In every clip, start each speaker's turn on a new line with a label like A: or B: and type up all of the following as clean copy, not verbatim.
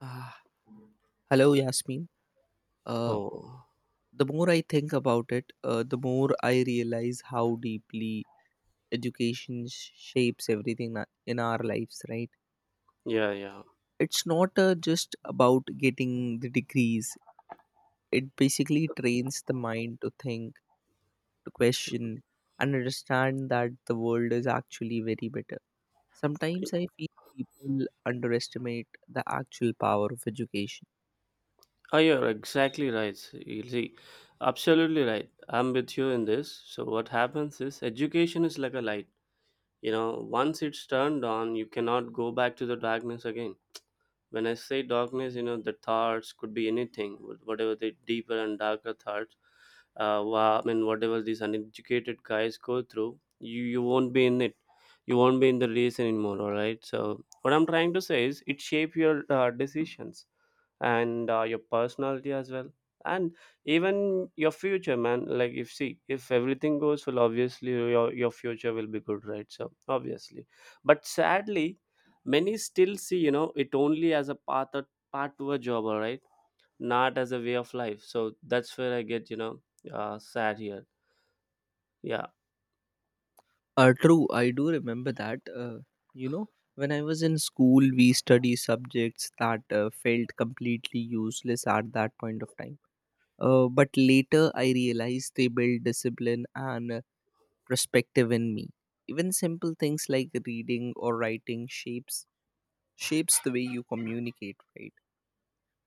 A: Ah, hello, Yasmin. Uh,
B: Oh,
A: the more I think about it, the more I realize how deeply education shapes everything in our lives, right?
B: yeah, yeah.
A: It's not just about getting the degrees, it basically trains the mind to think, to question, and understand that the world is actually very better. Sometimes I feel people underestimate the actual power of education.
B: Oh, you're exactly right. You see, absolutely right. I'm with you in this. So, what happens is education is like a light. You know, once it's turned on, you cannot go back to the darkness again. When I say darkness, you know, the thoughts could be anything, whatever the deeper and darker thoughts I mean, whatever these uneducated guys go through, you won't be in it. You won't be in the race anymore, all right? So, what I'm trying to say is it shape your decisions and your personality as well. And even your future, man. Like, if see, if everything goes well, obviously your future will be good, right? So, obviously. But sadly, many still see, you know, it only as a path, path to a job, all right? Not as a way of life, so that's where I get, sad here, yeah.
A: True, I do remember that. You know, when I was in school, we study subjects that felt completely useless at that point of time. But later, I realized they built discipline and perspective in me. Even simple things like reading or writing shapes the way you communicate, right?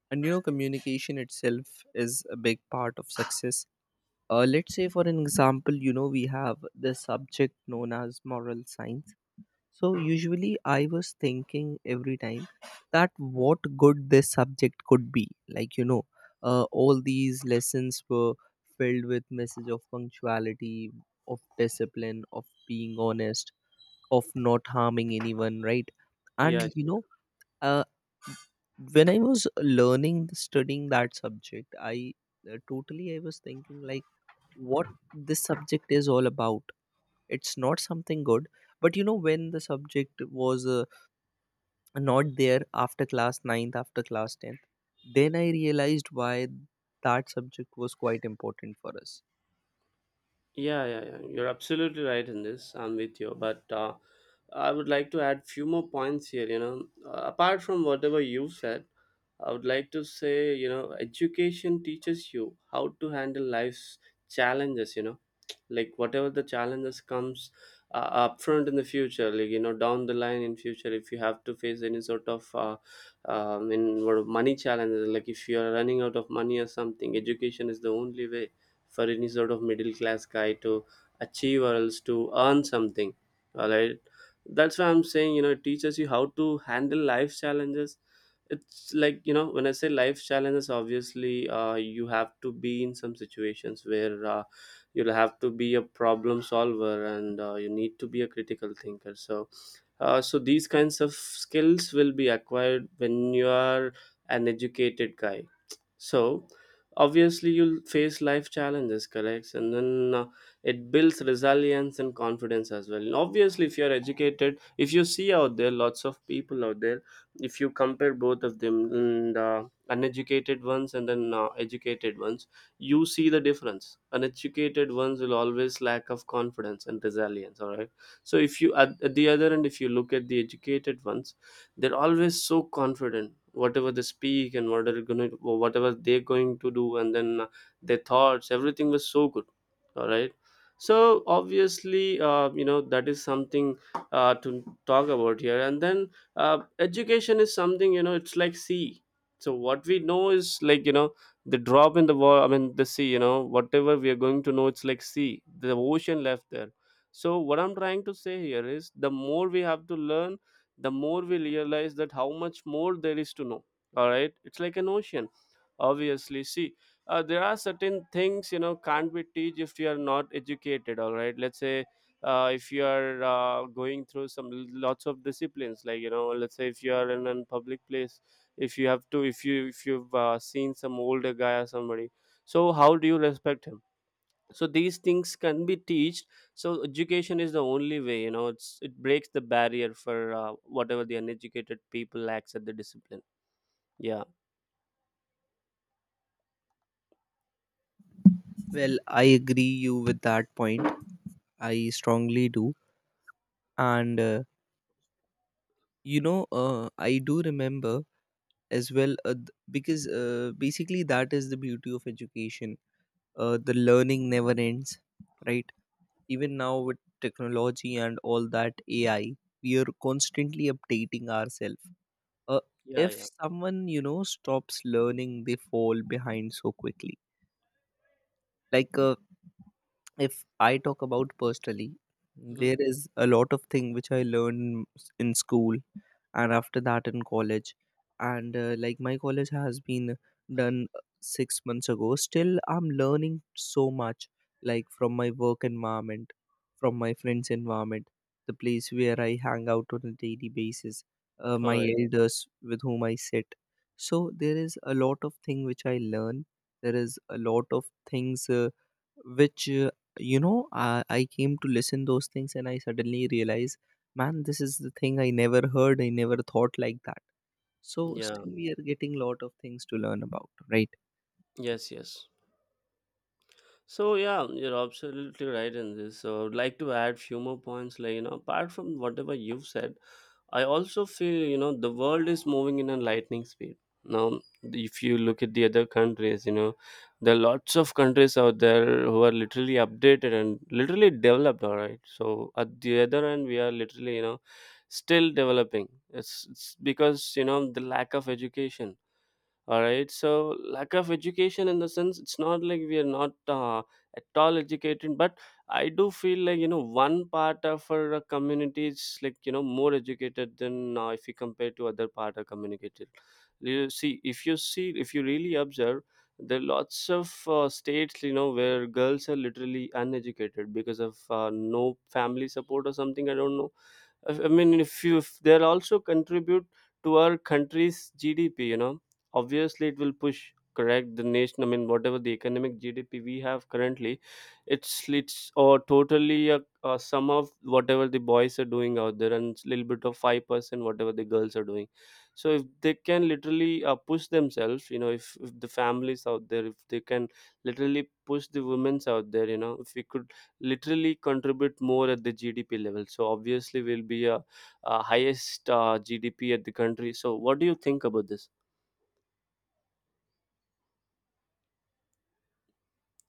A: And you know, communication itself is a big part of success. Let's say, for an example, you know, we have the subject known as moral science, so usually I was thinking every time that what good this subject could be. Like you know, all these lessons were filled with message of punctuality, of discipline, of being honest, of not harming anyone, right? And
B: Yeah,
A: you
B: sure.
A: know, uh, when I was learning studying that subject, I totally I was thinking like what this subject is all about. It's not something good, but you know when the subject was not there after class ninth, after class 10th, then I realized why that subject was quite important for us.
B: Yeah, yeah, yeah. You're absolutely right in this. I'm with you, but I would like to add few more points here. You know, apart from whatever you said, I would like to say, you know, education teaches you how to handle life's challenges. You know, like whatever the challenges comes up front in the future, like you know, down the line in future, if you have to face any sort of in what money challenges, like if you are running out of money or something, education is the only way for any sort of middle class guy to achieve or else to earn something, all right? That's why I'm saying, you know, it teaches you how to handle life challenges. It's like, you know, when I say life challenges, obviously you have to be in some situations where you'll have to be a problem solver and you need to be a critical thinker. So these kinds of skills will be acquired when you are an educated guy. So obviously you'll face life challenges, correct? And then it builds resilience and confidence as well. And obviously if you're educated, if you see out there lots of people out there, if you compare both of them, and uneducated ones and then educated ones, you see the difference. Uneducated ones will always lack of confidence and resilience, all right? So if you at the other end, if you look at the educated ones, they're always so confident whatever they speak and what are going to, whatever they're going to do, and then their thoughts everything was so good, all right? So obviously you know that is something to talk about here. And then education is something, you know, it's like sea. So what we know is like, you know, the drop in the wall, I mean the sea, you know, whatever we are going to know, it's like sea, the ocean left there. So what I'm trying to say here is the more we have to learn, the more we realize that how much more there is to know, all right? It's like an ocean. Obviously, see, there are certain things, you know, can't be teach if you are not educated. All right, let's say if you are going through some lots of disciplines, like, you know, let's say if you are in a public place, if you have to, if you've seen some older guy or somebody, so how do you respect him? So these things can be teached. So education is the only way, you know, it's, it breaks the barrier for whatever the uneducated people lacks at the discipline. Yeah,
A: Well, I agree you with that point, I strongly do. And I do remember as well, because basically that is the beauty of education. The learning never ends, right? Even now with technology and all that AI, we are constantly updating ourselves. uh,
B: yeah,
A: if
B: yeah.
A: someone, you know, stops learning, they fall behind so quickly. like uh, if I talk about personally, there
B: Mhm.
A: is a lot of thing which I learned in school and after that in college. And like my college has been done 6 months ago. Still, I'm learning so much, like from my work environment, from my friends' environment, the place where I hang out on a daily basis,
B: All
A: my
B: right.
A: elders with whom I sit. So there is a lot of thing which I learn. There is a lot of things. Which you know I came to listen those things and I suddenly realize, man, this is the thing I never heard, I never thought like that. So
B: Yeah.
A: still we are getting lot of things to learn about, right?
B: Yes, yes. So yeah, you're absolutely right in this. So I would like to add few more points, like, you know, apart from whatever you've said, I also feel, you know, the world is moving in a lightning speed. Now, if you look at the other countries, you know, there are lots of countries out there who are literally updated and literally developed. All right, so at the other end, we are literally, you know, still developing. It's because, you know, the lack of education, all right? So lack of education in the sense, it's not like we are not at all educated, but I do feel like, you know, one part of our community is like, you know, more educated than if you compare to other part of community. If you see, if you really observe, there are lots of states, you know, where girls are literally uneducated because of no family support or something, I don't know. I mean, if you, if they'll also contribute to our country's GDP, you know, obviously it will push correct the nation. I mean, whatever the economic GDP we have currently, it's or totally a sum of whatever the boys are doing out there, and it's little bit of 5% whatever the girls are doing. So if they can literally push themselves, you know, if the families out there, if they can literally push the women's out there, you know, if we could literally contribute more at the GDP level. So obviously, we'll be a highest GDP at the country. So what do you think about this?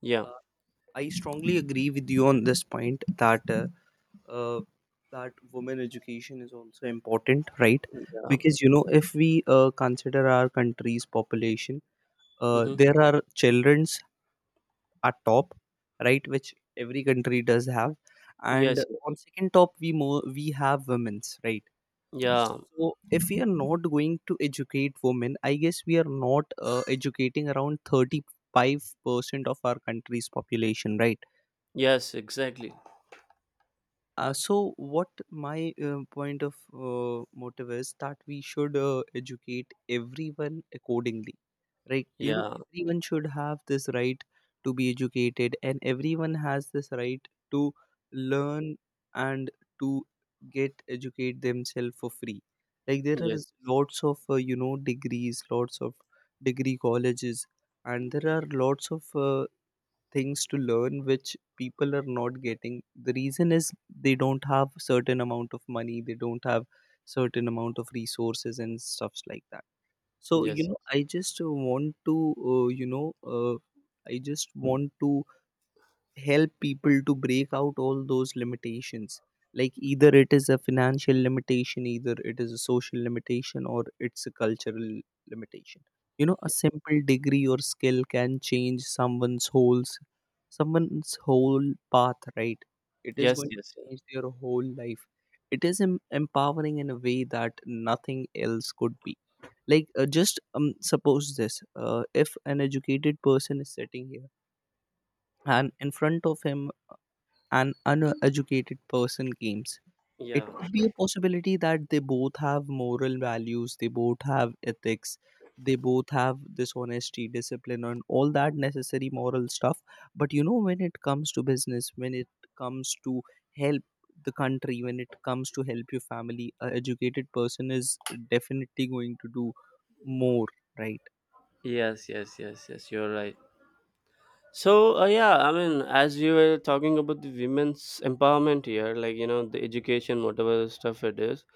B: Yeah.
A: Uh, i strongly agree with you on this point that uh, that women education is also important, right?
B: Yeah.
A: Because you know if we consider our country's population,
B: Mm-hmm.
A: there are children at top, right? Which every country does have. And
B: Yes, yes.
A: on second top we have women's, right?
B: Yeah.
A: So if we are not going to educate women, I guess we are not educating around 35% of our country's population, right?
B: Yes. Exactly.
A: So, what my point of motive is that we should educate everyone accordingly, right? You know,
B: Yeah.
A: everyone should have this right to be educated, and everyone has this right to learn and to get educate themselves for free. Like there are
B: Yes.
A: lots of you know degrees, lots of degree colleges, and there are lots of things to learn which people are not getting. The reason is they don't have certain amount of money, they don't have certain amount of resources and stuffs like that. So you
B: Yes.
A: know, I just want to you know, I just want to help people to break out all those limitations, like either it is a financial limitation, either it is a social limitation, or it's a cultural limitation. You know, a
B: Yes.
A: simple degree or skill can change someone's whole path, right? It is
B: Yes.
A: going to
B: Yes.
A: change their whole life. It is empowering in a way that nothing else could be. Like just Suppose this, if an educated person is sitting here and in front of him an uneducated person games. It
B: Yeah.
A: could be a possibility that they both have moral values, they both have ethics, they both have dishonesty, discipline, and all that necessary moral stuff. But you know, when it comes to business, when it comes to help the country, when it comes to help your family, a educated person is definitely going to do more, right?
B: Yes. Yes. Yes. Yes. You're right. So yeah, I mean, as we were talking about the women's empowerment here, like, you know, the education, whatever stuff it is,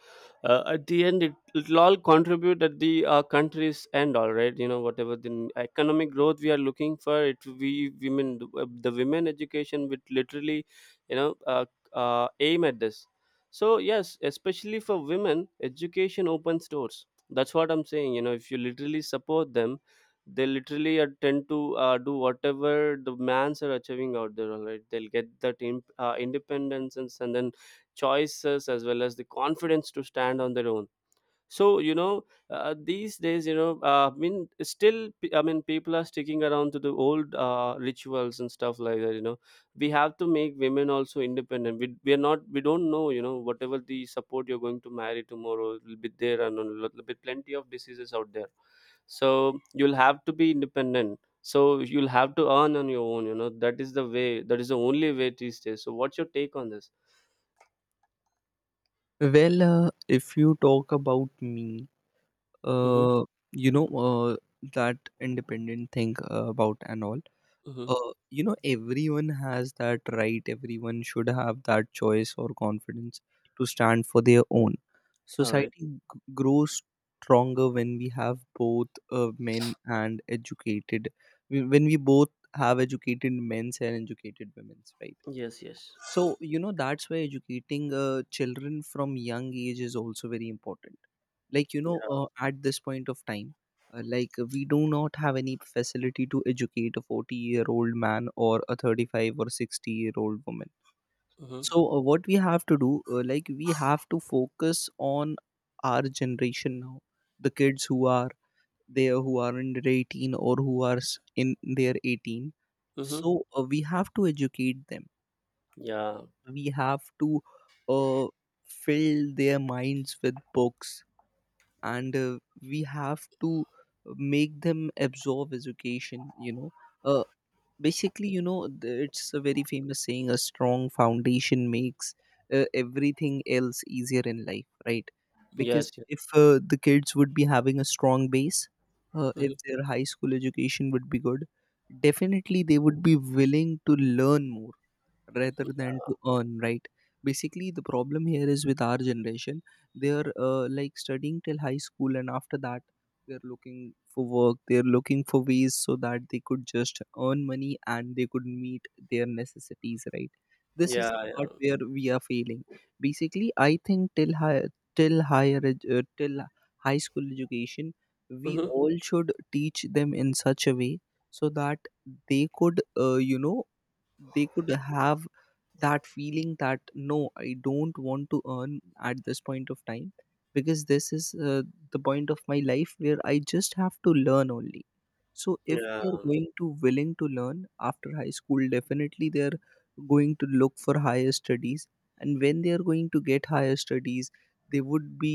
B: at the end it will all contribute at the country's end, all right. You know, whatever the economic growth we are looking for, it we women the women education would literally, you know, aim at this. So yes, especially for women, education opens doors. That's what I'm saying. You know, if you literally support them, they literally tend to do whatever the mans are achieving out there, all right? They'll get that independence and then choices as well as the confidence to stand on their own. So you know, these days, you know, I mean still I mean people are sticking around to the old rituals and stuff like that, you know, we have to make women also independent. We are not, we don't know, you know, whatever the support you're going to marry tomorrow will be there, and be plenty of diseases out there. So you'll have to be independent, so you'll have to earn on your own, you know, that is the way, that is the only way these days. So what's your take on this?
A: Well, if you talk about me,
B: Mm-hmm.
A: uh, you know uh, that independent thing about and all,
B: Mm-hmm.
A: you know everyone has that right, everyone should have that choice or confidence to stand for their own.
B: All right.
A: Society grows stronger when we have both men and educated when we both have educated men's and educated women's, right?
B: Yes, yes.
A: So, you know, that's why educating children from young age is also very important. Like, you know,
B: Yeah.
A: at this point of time, like we do not have any facility to educate a 40-year-old man or a 35 or 60-year-old woman.
B: Mm-hmm.
A: So, what we have to do, like, we have to focus on our generation now, the kids who are there, who are under 18 or who are in their 18.
B: Mm-hmm.
A: So, we have to educate them,
B: Yeah.
A: we have to uh, fill their minds with books, and we have to make them absorb education. You know, uh, basically you know it's a very famous saying, a strong foundation makes everything else easier in life, right?
B: Yes,
A: Because
B: yes.
A: if the kids would be having a strong base, if
B: Mhm.
A: their high school education would be good, definitely they would be willing to learn more rather than
B: Yeah.
A: to earn, right? Basically the problem here is with our generation. They're like studying till high school and after that they're looking for work, they're looking for ways so that they could just earn money and they could meet their necessities, right? This is
B: Yeah.
A: the
B: Yeah.
A: part where we are failing. Basically I think till high till higher ed- till high school education we
B: Hmm.
A: all should teach them in such a way so that they could they could have that feeling that no, I don't want to earn at this point of time, because this is the point of my life where I just have to learn only. So if
B: Yeah.
A: they are going to willing to learn after high school, definitely they are going to look for higher studies, and when they are going to get higher studies, they would be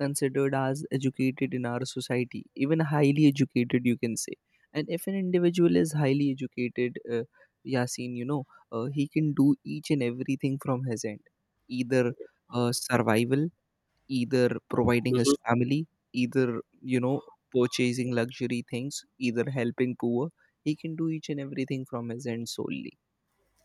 A: considered as educated in our society, even highly educated you can say. And if an individual is highly educated, Yasin, you know, he can do each and everything from his end, either survival, either providing his
B: Mhm.
A: family, either, you know, purchasing luxury things, either helping poor. He can do each and everything from his end solely.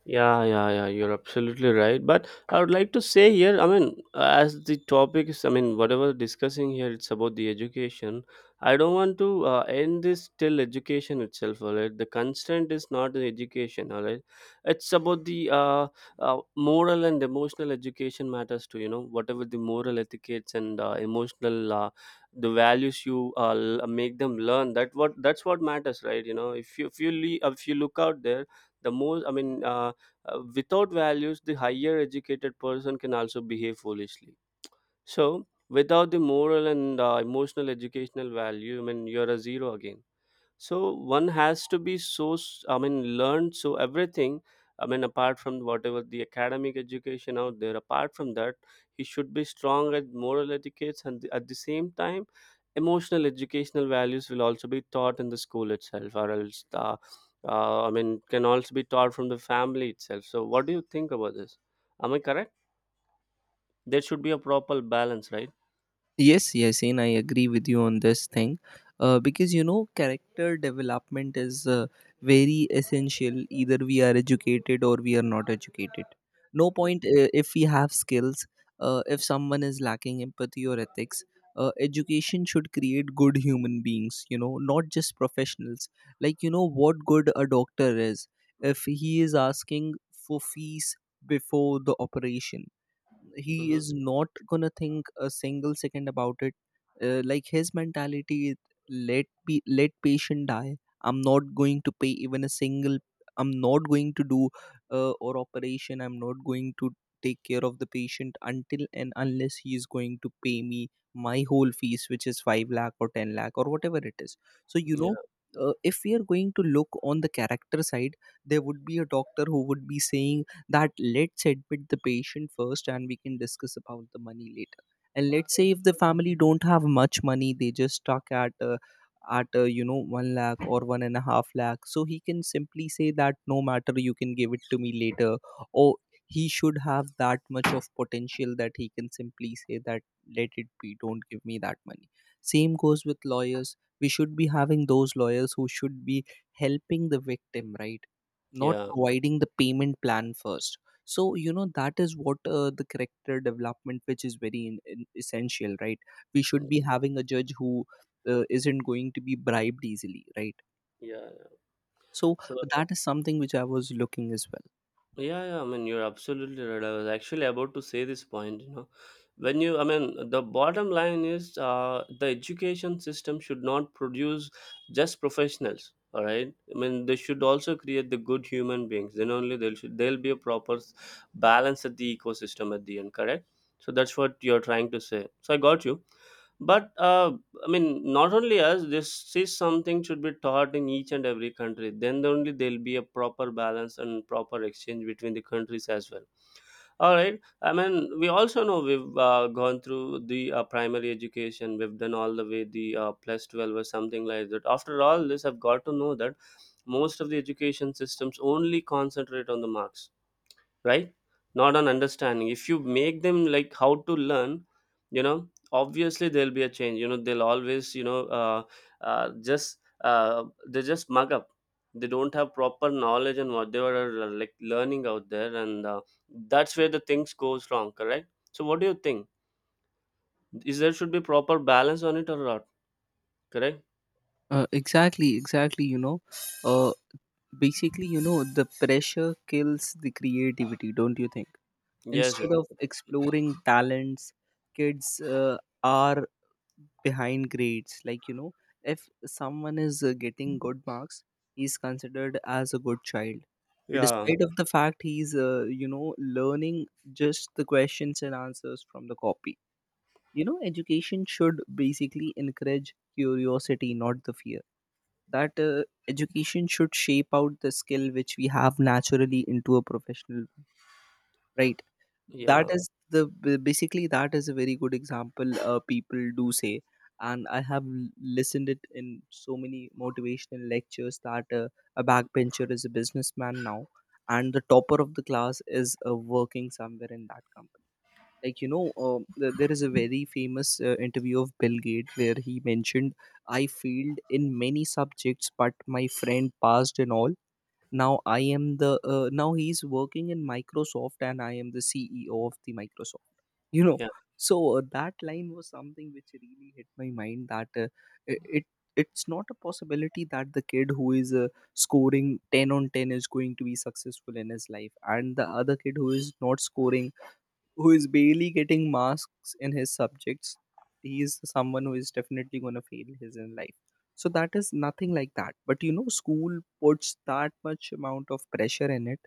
B: Yeah, yeah, yeah. You're absolutely right. But I would like to say here, I mean, as the topic is, I mean, whatever discussing here, it's about the education. I don't want to end this till education itself, all right? The constant is not the education, all right? It's about the moral and emotional education matters too, you know, whatever the moral etiquettes and emotional. The values you make them learn, that what, that's what matters, right? You know, if you, if you look out there, the most, without values, the higher educated person can also behave foolishly. So, without the moral and emotional educational value, I mean, you're a zero again. So one has to be so I mean learned so everything. I mean apart from whatever the academic education out there, apart from that, he should be strong at moral etiquettes and at the same time, emotional educational values will also be taught in the school itself, or else the I mean can also be taught from the family itself. So what do you think about this? Am I correct? There should be a proper balance, right?
A: Yes, yes, and I agree with you on this thing. Because you know, character development is very essential. Either we are educated or we are not educated. No point if we have skills, if someone is lacking empathy or ethics. Education should create good human beings, you know, not just professionals. Like, you know, what good a doctor is if he is asking for fees before the operation. He
B: Mm-hmm.
A: is not gonna think a single second about it. Like his mentality is let be, let patient die. I'm not going to pay even a single, I'm not going to do or operation, I'm not going to take care of the patient until and unless he is going to pay me my whole fees, which is 5 lakh or 10 lakh or whatever it is. So you know,
B: Yeah,
A: if we are going to look on the character side, there would be a doctor who would be saying that let's admit the patient first and we can discuss about the money later. And let's say if the family don't have much money, they just stuck at you know one lakh or one and a half lakh, so he can simply say that no matter, you can give it to me later. Or he should have that much of potential that he can simply say that let it be, don't give me that money. Same goes with lawyers. We should be having those lawyers who should be helping the victim, right? Not
B: yeah,
A: providing the payment plan first. So you know that is what the character development which is very in essential, right? We should be having a judge who isn't going to be bribed easily, right?
B: yeah. Yeah.
A: So
B: So
A: that is something which I was looking as well.
B: yeah, yeah, I mean, you're absolutely right. I was actually about to say this point, you know. When you, I mean, the bottom line is the education system should not produce just professionals, all right? I mean, they should also create the good human beings. Then only there should they will be a proper balance at the ecosystem at the end, correct? So that's what you're trying to say. So I got you. But I mean, not only us, this is something should be taught in each and every country. Then only there'll be a proper balance and proper exchange between the countries as well. All right. I mean, we also know we've gone through the primary education. We've done all the way the plus 12 or something like that. After all this, I've got to know that most of the education systems only concentrate on the marks, right, not on understanding. If you make them like how to learn, you know, obviously there'll be a change. You know they'll always you know just They just mug up. They don't have proper knowledge on what they were like learning out there, and that's where the things goes wrong, correct? So what do you think, is there should be proper balance on it or not? Correct.
A: Exactly, exactly, you know, uh, basically you know the pressure kills the creativity, don't you think?
B: Yes, yes.
A: Instead of exploring talents, kids are behind grades, like You know, if someone is getting good marks, he's considered as a good child,
B: Yeah,
A: despite of the fact he's learning just the questions and answers from the copy. You know, education should basically encourage curiosity, not the fear. That education should shape out the skill which we have naturally into a professional, right? That
B: yeah,
A: is the b- basically that is a very good example people do say, and listened it in so many motivational lectures, that a backbencher is a businessman now, and the topper of the class is working somewhere in that company. There is a very famous interview of Bill Gates where he mentioned, I failed in many subjects but my friend passed in all. Now I am the now he's working in Microsoft and I am the CEO of the Microsoft. You know,
B: yeah,
A: so that line was something which really hit my mind, that i- it it's not a possibility that the kid who is scoring 10 on 10 is going to be successful in his life, and the other kid who is not scoring, who is barely getting marks in his subjects, he is someone who is definitely going to fail his in life. So that is nothing like that. But you know, school puts that much amount of pressure in it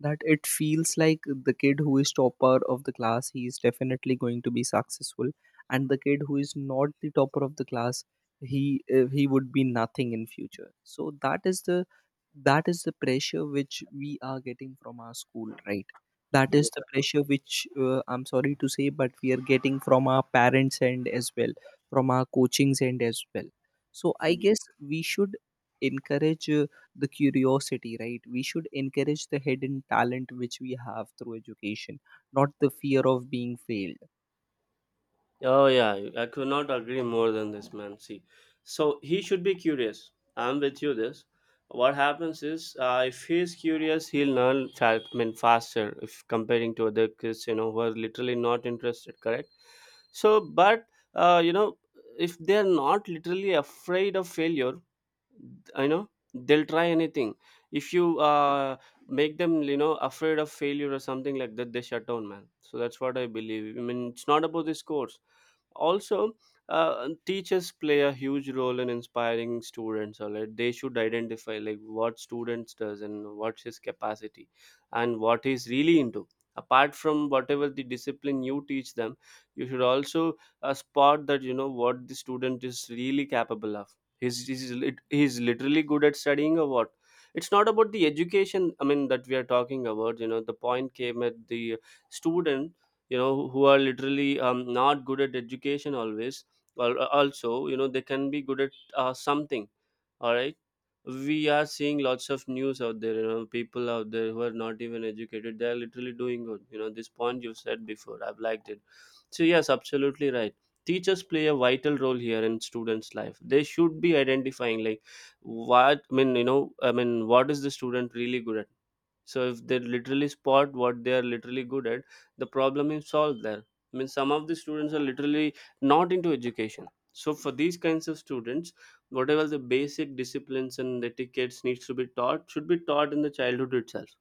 A: that it feels like the kid who is topper of the class, he is definitely going to be successful, and the kid who is not the topper of the class, he would be nothing in future. So that is the pressure which we are getting from our school, right? That is the pressure which, I'm sorry to say, but we are getting from our parents, and as well from our coachings, and as well. So I
B: yeah.
A: guess we should encourage the curiosity, right? We should encourage the hidden talent which we have through education, not the fear of being failed.
B: Oh yeah, I could not agree more than this, man. See, so he should be curious. I'm with you. This, what happens is, if he's curious, he'll I mean, faster if comparing to other kids, you know, who are literally not interested. Correct. So, but you know, if they're not literally afraid of failure, I know they'll try anything. If you make them, you know, afraid of failure or something like that, they shut down, man. So that's what I believe. I mean, it's not about the scores also. Teachers play a huge role in inspiring students, or like they should identify like what students does and what's his capacity and what he's really into, apart from whatever the discipline you teach them. You should also spot that, you know, what the student is really capable of. He's literally good at studying or what. It's not about the education, I mean, that we are talking about. You know, the point came at the student, you know, who are literally not good at education always, or also, you know, they can be good at something. All right, we are seeing lots of news out there, you know, people out there who are not even educated, they are literally doing good. You know, this point you said before, I've liked it. So yes, absolutely right. Teachers play a vital role here in students life. They should be identifying like, what I mean, you know, I mean, what is the student really good at. So if they literally spot what they are literally good at, the problem is solved there. I mean, some of the students are literally not into education, so for these kinds of students, whatever the basic disciplines and etiquettes needs to be taught should be taught in the childhood itself.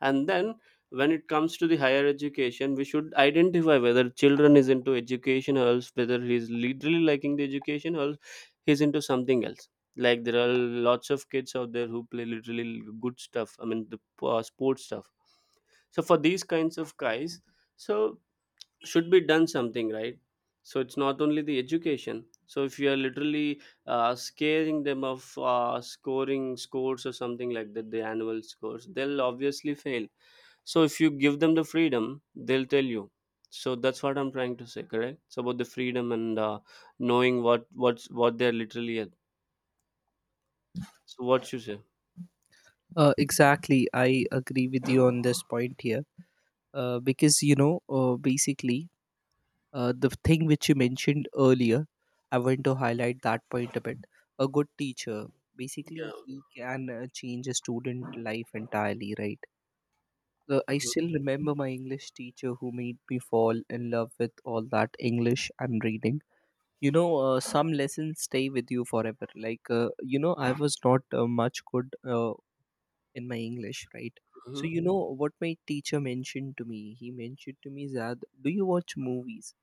B: And then, when it comes to the higher education, we should identify whether children is into education, or else whether he is literally liking the education, or else he's into something else. Like, there are lots of kids out there who play literally good stuff, I mean the sports stuff. So for these kinds of guys, so should be done something, right? So it's not only the education. So if you are literally scaring them of scoring scores or something like that, the annual scores, they'll obviously fail. So if you give them the freedom, they'll tell you. So that's what I'm trying to say, correct? It's about the freedom and, knowing what they're literally at. So what you say?
A: Exactly. I agree with you on this point here. Because you know, basically, the thing which you mentioned earlier, I want to highlight that point a bit. A good teacher, basically,
B: Yeah.
A: he can change a student life entirely, right? I
B: Hmm.
A: still remember my English teacher who made me fall in love with all that English I'm reading. You know, some lessons stay with you forever. Like, I was not much good in my English, right? So
B: Hmm.
A: you know what my teacher mentioned to me, he mentioned to me, Zad, do you watch movies?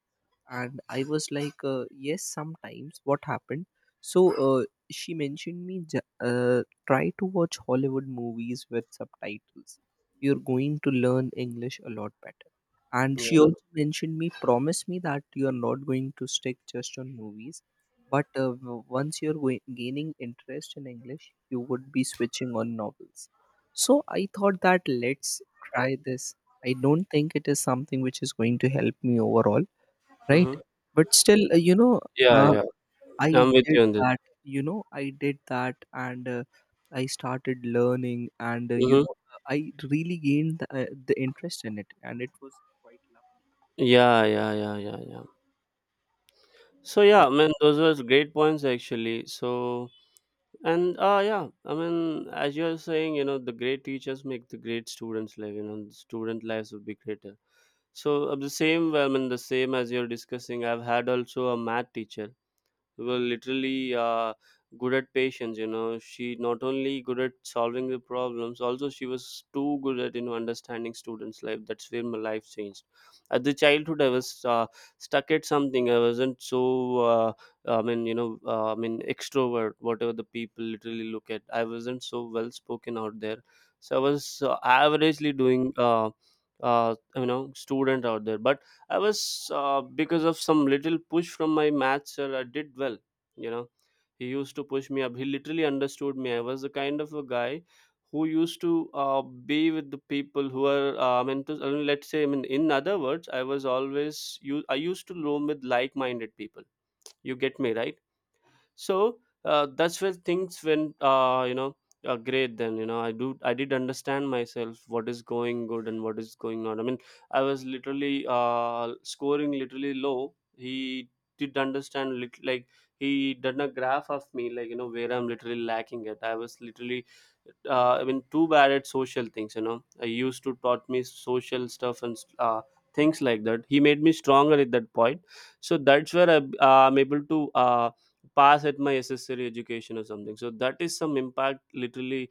A: And I was like, yes, sometimes, what happened? So uh, she mentioned me, "Ju- try to watch Hollywood movies with subtitles, you're going to learn English a lot better." And she
B: Yeah.
A: also mentioned me, promise me that you are not going to stick just on movies, but once you're gaining interest in English, you would be switching on novels. So I thought that, let's try this. I don't think it is something which is going to help me overall, right?
B: Hmm.
A: But still,
B: Yeah,
A: uh,
B: yeah,
A: I
B: I'm with
A: did
B: you on this.
A: that. You know, I did that, and I started learning, and
B: Hmm.
A: I really gained the interest in it, and it was quite lovely.
B: Yeah, yeah, yeah, yeah, yeah. So yeah, I mean those were great points actually. So, and yeah, I mean as you're saying, you know, the great teachers make the great students live, you know, the student lives would be greater. So of the same, well, I mean the same as you're discussing, I've had also a math teacher were literally good at patience. You know, she not only good at solving the problems, also she was too good at, you know, understanding students life. That's where my life changed. At the childhood I was stuck at something. I wasn't so I mean extrovert, whatever the people literally look at, I wasn't so well spoken out there. So I was averagely doing, you know, student out there. But I was because of some little push from my math sir, I did well. You know, he used to push me up. He literally understood me. I was the kind of a guy who used to be with the people who are. I mean, to, I mean, let's say, I mean, in other words, I was always you. I used to roam with like-minded people. You get me, right? So that's where things went, you know, great. Then, you know, I did understand myself what is going good and what is going on. I mean, I was literally scoring literally low. He did understand lit- Like, he done a graph of me, like, you know, where I'm literally lacking at. I was literally I mean too bad at social things. You know, I used to taught me social stuff and, things like that. He made me stronger at that point. So that's where I, I'm able to pass at my SSL education or something. So that is some impact literally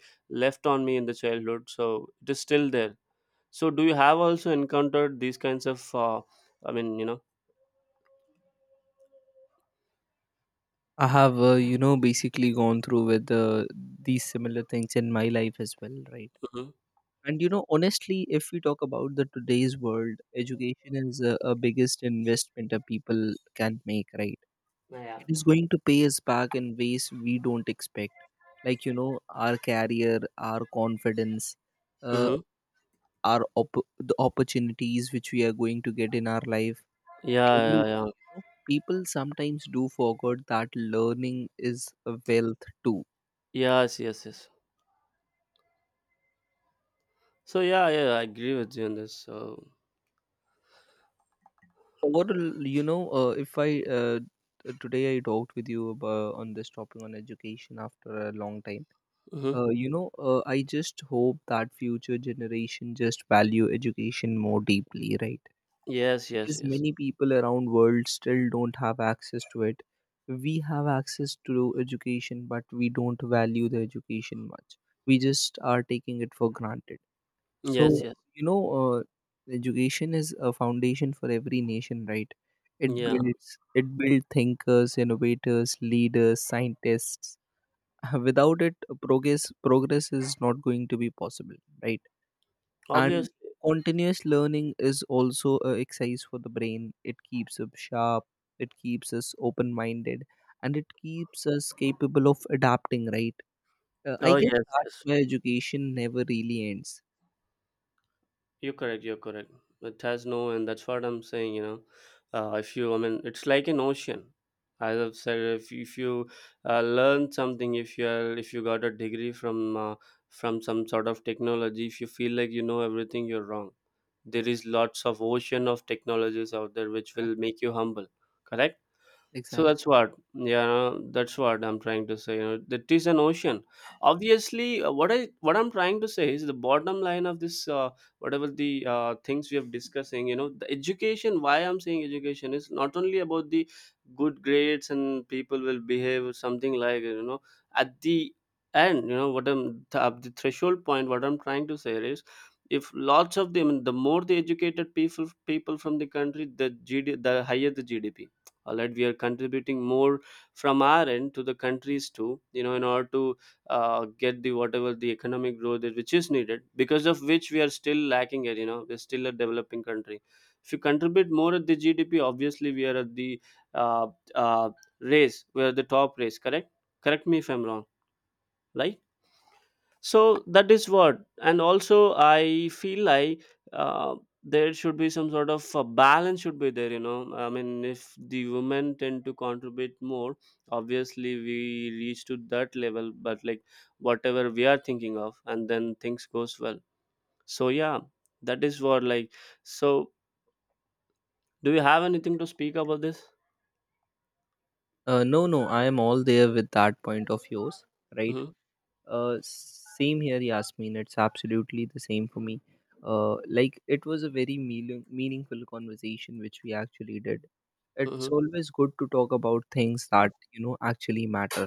B: left on me in the childhood. So it is still there. So do you have also encountered these kinds of? I mean, you know.
A: I have, basically gone through with these similar things in my life as well, right?
B: Hmm.
A: And you know, honestly, if we talk about the today's world, education is a biggest investment a people can make, right?
B: Yeah.
A: It is going to pay us back in ways we don't expect, like you know, our career, our confidence, uh,
B: Mm-hmm.
A: our the opportunities which we are going to get in our life,
B: Yeah,
A: everything,
B: yeah,
A: you
B: yeah.
A: know. People sometimes do forget that learning is a wealth too.
B: Yes, yes, yes. So yeah, yeah, I agree with you on this. So
A: Overall, you know, if I today I talked with you about, on this topic on education, after a long time.
B: mm-hmm.
A: I just hope that future generation just value education more deeply, right?
B: Yes, yes,
A: Because
B: yes,
A: many people around world still don't have access to it. We have access to education, but we don't value the education much. We just are taking it for granted.
B: yes,
A: So,
B: yes.
A: you know, uh, education is a foundation for every nation, right? It
B: Yeah,
A: builds thinkers, innovators, leaders, scientists, without it, progress is not going to be possible, right? And
B: obviously.
A: continuous learning is also a exercise for the brain. It keeps us sharp, it keeps us open minded, and it keeps us capable of adapting, right? I
B: Oh
A: guess
B: yes,
A: that's
B: yes.
A: where education never really ends.
B: You're correct. You're correct. It has no, and that's what I'm saying, you know. If you, I mean, it's like an ocean. As I've said, if you learn something, if you are, if you got a degree from some sort of technology, if you feel like you know everything, you're wrong. There is lots of ocean of technologies out there which will
A: exactly
B: make you humble. Correct. So
A: exactly
B: that's what, yeah, that's what I'm trying to say. You know, that is an ocean. Obviously, what I what I'm trying to say is the bottom line of this, whatever the things we have discussing. You know, the education. Why I'm saying education is not only about the good grades and people will behave or something, like, you know, at the end. You know what I'm at the threshold point, what I'm trying to say is, if lots of them, the more the educated people from the country, the the higher the GDP, that we are contributing more from our end to the countries too, you know, in order to get the whatever the economic growth that which is needed, because of which we are still lacking it, you know, we're still a developing country. If you contribute more at the GDP, obviously we are at the uh, uh, race, we are the top race, correct? Correct me if I'm wrong, right? So that is what. And also, I feel like uh, there should be some sort of a balance should be there, you know. I mean, if the women tend to contribute more, obviously we reach to that level, but like, whatever we are thinking of, and then things goes well. So yeah, that is what, like, so, do you have anything to speak about this?
A: No, I am all there with that point of yours, right?
B: Mm-hmm,
A: Same here, Yasmin. It's absolutely the same for me. Like, it was a very meaningful conversation which we actually did. It's
B: mm-hmm,
A: always good to talk about things that, you know, actually matter,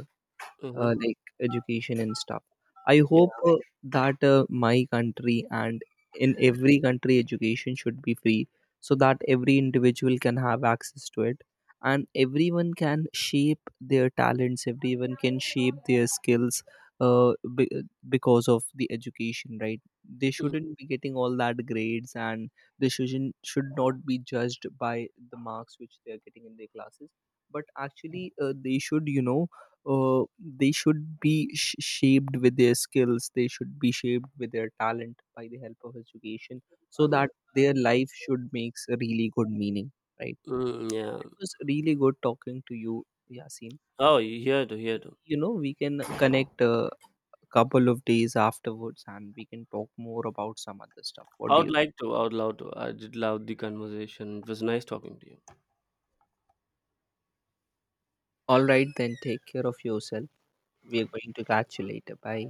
B: mm-hmm.
A: like education and stuff. I hope
B: Yeah.
A: that my country and in every country education should be free, so that every individual can have access to it, and everyone can shape their talents, everyone can shape their skills, uh, be- uh, because of the education, right? They
B: Mm-hmm,
A: shouldn't be getting all that grades, and they should not be judged by the marks which they are getting in their classes. But actually, they should, you know, they should be shaped with their skills, they should be shaped with their talent by the help of education, so
B: mm-hmm.
A: that their life should makes a really good meaning, right?
B: Mm-hmm, yeah.
A: It was really good talking to you, Yasin.
B: Oh, here to here
A: Maybe,
B: to
A: you know, we can connect a couple of days afterwards and we can talk more about some other stuff. What
B: I
A: do
B: would
A: you?
B: like to. I would love to. I did love the conversation. It was nice talking to you.
A: All right, then, take care of yourself. We are
B: Yeah.
A: going to catch you later. Bye.